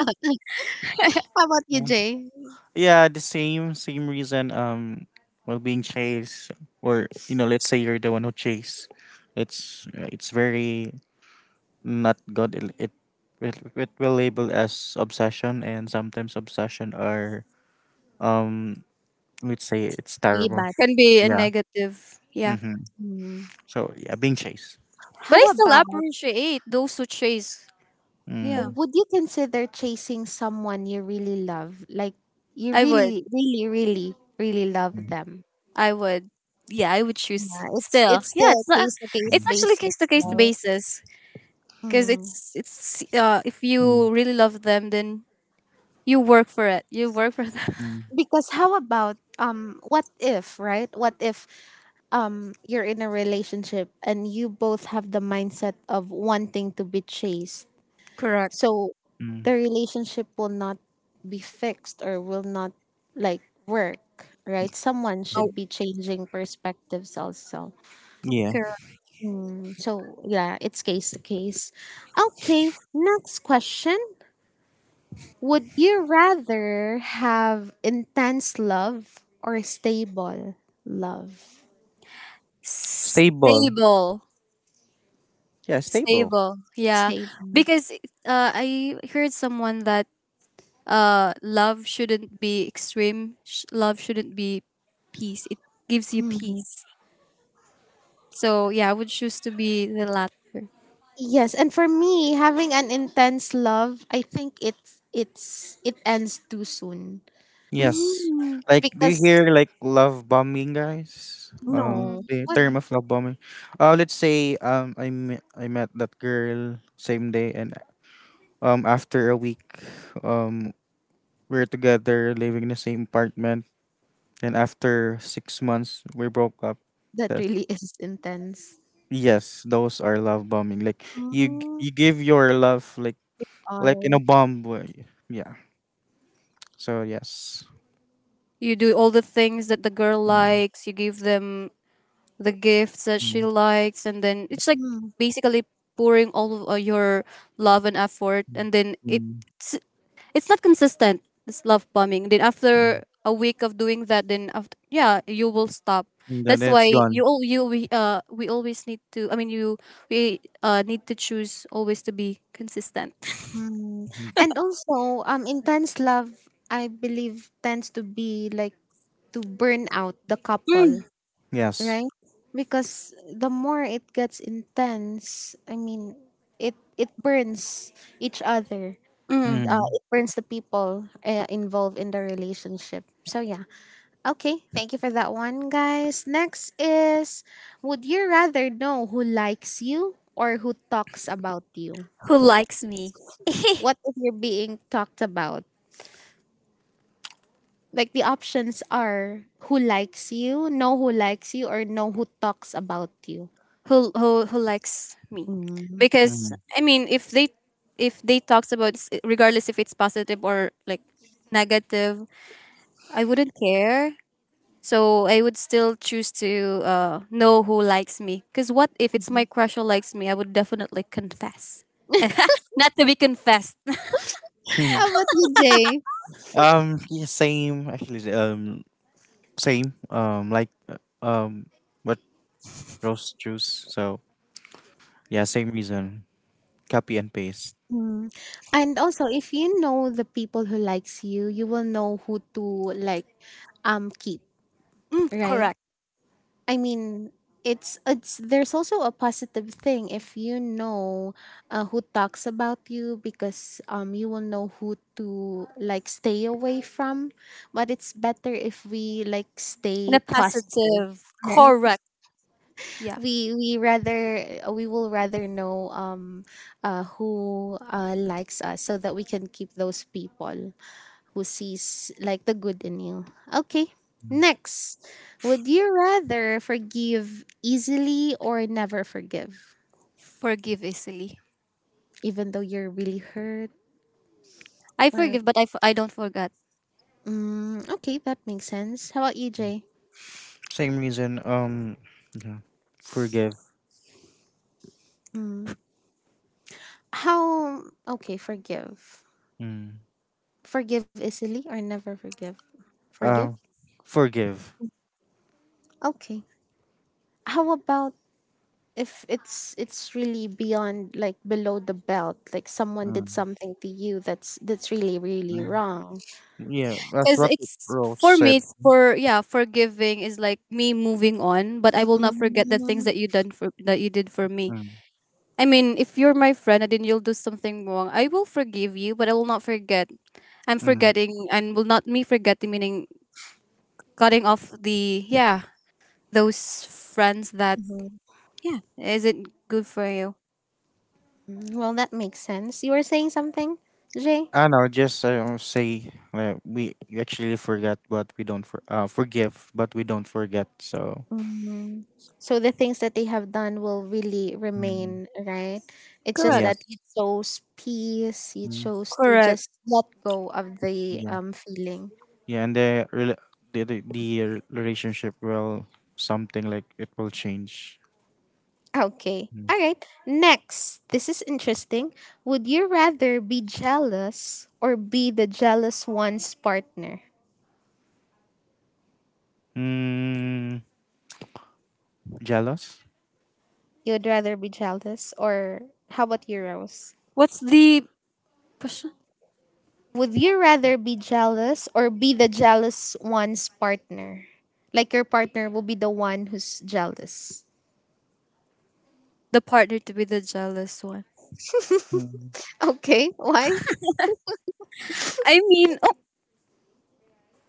How about you, Jay? Yeah, the same same reason. Well, being chased, or you know, let's say you're the one who chase. It's very not good. It will label as obsession, and sometimes obsession are um let's say it's Really terrible. bad. can be a Yeah. negative. Yeah, Mm-hmm. Mm. So yeah, being chased. but I How still about appreciate those who chase. Yeah, Mm, would you consider chasing someone you really love? Like you I would. really, really, really, really love mm, them. I would. Yeah, I would choose Yeah, it's still. it's Yeah, still it's not, case to case it's mm, actually case to basis, case mm, right? basis because Mm. it's if mm, you really love them, then you work for it. You work for them. mm, Because how about what if, right? What if you're in a relationship and you both have the mindset of wanting to be chased? Correct. So mm. the relationship will not be fixed or will not like work, right? Someone Oh, should be changing perspectives also. Yeah. correct. Mm, so yeah, it's case to case. Okay, next question. Would you rather have intense love or stable love? Stable. Stable. Yeah, stable. Stable. Yeah. Stable. Because, I heard someone that, love shouldn't be extreme. Love shouldn't be peace. It gives you Hmm. peace. So yeah, I would choose to be the latter. Yes, and for me, having an intense love, I think it's it ends too soon Yes. Mm. Like, do you because hear like love bombing, guys? No, Mm. The what? term of love bombing. Let's say um I met that girl same day and after a week um we're together living in the same apartment and after 6 months we broke up. That Th- really is intense. yes, those are love bombing. Like Mm, you give your love like in a all. bomb way. Yeah. So yes. You do all the things that the girl Mm, likes. You give them the gifts that she mm, likes, and then it's like basically pouring all of, your love and effort, and then it mm, it's not consistent, this love bombing. Then mm. after a week of doing that, then after, yeah, you will stop. And then That's it's why you gone. all you we always need to, I mean, you we need to choose always to be consistent. Mm-hmm. Mm-hmm. And also, intense love, I believe, tends to be like to burn out the Mm, couple, Yes. right? Because the more it gets intense, I mean, it burns each other. mm. Mm. It burns the people involved in the relationship. So yeah. Okay, thank you for that one, guys. Next is would you rather know who likes you or who talks about you? Who likes me. What if you're being talked about? Like the options are who likes you, know who likes you, or know who talks about you. Who likes me, Mm-hmm. because Mm. I mean, if they, if they talks about regardless if it's positive or like negative, I wouldn't care. So I would still choose to, know who likes me. Because what if it's my crush who likes me? I would definitely confess. Not to be confessed. How about you, Jay? um. Yeah, same. Actually. Same. Like. Um. What rose juice? So yeah. Same reason. Copy and paste. Mm. And also, if you know the people who likes you, you will know who to like keep, right? Correct. I mean, it's there's also a positive thing if you know who talks about you because you will know who to like stay away from, but it's better if we like In a stay positive. positive. Right. Correct. Yeah. We rather we will rather know who likes us so that we can keep those people who sees like the good in you. Okay. Next, would you rather forgive easily or never forgive, Forgive easily. even though you're really hurt? I Or forgive, but I don't forget. mm, okay, that makes sense. How about you, Jay? Same reason. Yeah. Forgive. Mm, how okay? Forgive, Mm. forgive easily or never forgive. Forgive. Uh. Forgive. Okay. How about if it's really beyond like below the belt, like someone Mm. did something to you that's really really Mm. wrong. Yeah. That's Because what it's Rose for me, said. it's for, yeah, forgiving is like me moving on, but I will Mm, not forget the things mhm. that you did for me. Mm. I mean, if you're my friend and then you'll do something wrong, I will forgive you, but I will not forget. I'm Mm. forgetting and will not me forgetting meaning cutting off the, yeah, those friends that, yeah, isn't good for you. Mm, well, that makes sense. You were saying something, Jay? I know. Just say we actually forgot, but we don't for, forgive, but we don't forget. So. Mm. So the things that they have done will really Mm. remain, right? It's just Correct. that you chose peace. You Mm, chose to Correct. just let go of the yeah, feeling. yeah, and the relationship will something like it will change. Okay. Mm. All right. Next, this is interesting. Would you rather be jealous or be the jealous one's partner? Mm, jealous? You'd rather be jealous or how about you, Rose? What's the question? Would you rather be jealous or be the jealous one's partner? Like your partner will be the one who's jealous. The partner to be the jealous one. Mm, Okay, why? I mean, oh,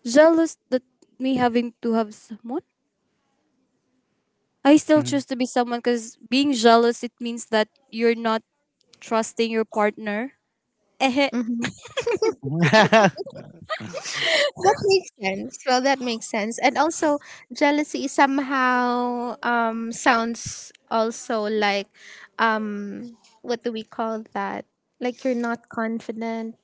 jealous that me having to have someone. I still mhm. choose to be someone because being jealous it means that you're not trusting your partner. Eh. Hmm. That makes sense. Well, that makes sense. And also, jealousy somehow sounds also like what do we call that? Like you're not confident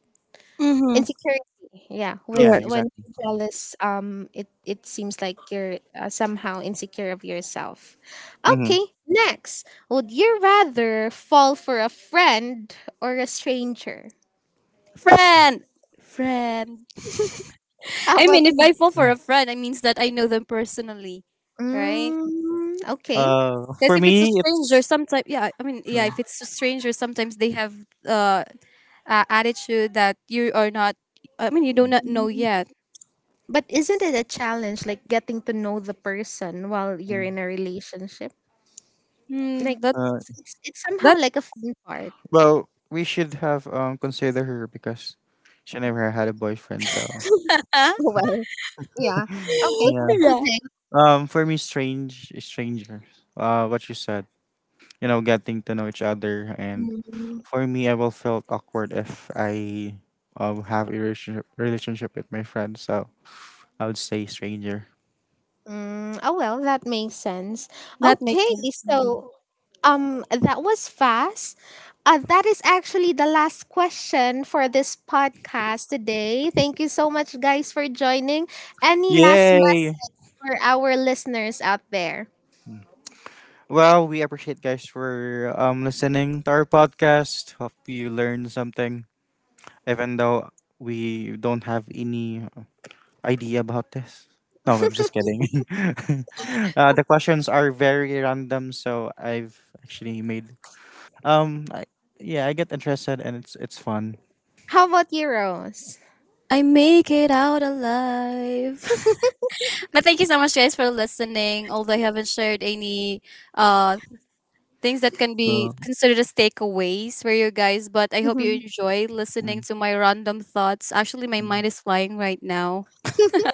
Mm-hmm. insecurity yeah Yeah, when exactly. you're jealous it it seems like you're somehow insecure of yourself. hmm Okay, next, would you rather fall for a friend or a stranger? Friend! Friend. How I about mean, if you? I fall for a friend, it means that I know them personally, right? Mm, okay. Because for if it's a me, stranger, it's sometimes, yeah, I mean, yeah, if uh, it's a stranger, sometimes they have, uh, a attitude that you are not, I mean, you do not know Mm, yet. but isn't it a challenge like getting to know the person while you're mm, in a relationship like Mm, that, uh, it's somehow that, like a fun part? well, we should have consider her because she never had a boyfriend. So huh? Well, yeah. Okay, how yeah, about you, Yeah. Jay? For me, strangers. What you said, you know, getting to know each other and Mm. for me, I will felt awkward if I have a relationship relationship with my friend, so I would say stranger. Mm, oh well, that makes sense. That makes Okay, sense to me. so that was fast. That is actually the last question for this podcast today. Thank you so much guys for joining. Any last Yay! message for our listeners out there? Well, we appreciate guys for listening to our podcast. Hope you learned something, even though we don't have any idea about this. No, I'm just kidding. The questions are very random, so I've actually made um I, yeah I get interested and it's fun. How about you, Rose? I make it out alive. But thank you so much, guys, for listening. Although I haven't shared any, uh, things that can Uh, be considered as takeaways for you guys. But I hope you Mhm. enjoy listening mm, to my random thoughts. Actually, my mm. mind is flying right now.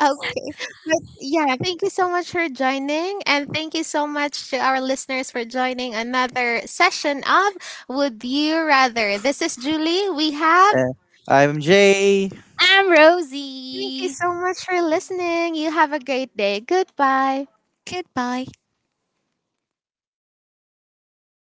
Okay. But yeah, thank you so much for joining. And thank you so much to our listeners for joining another session of Would You Rather. This is Julie. We have. Uh, I'm Jay. I'm Thank you Rosie. so much for listening. You have a great day. Goodbye. Goodbye.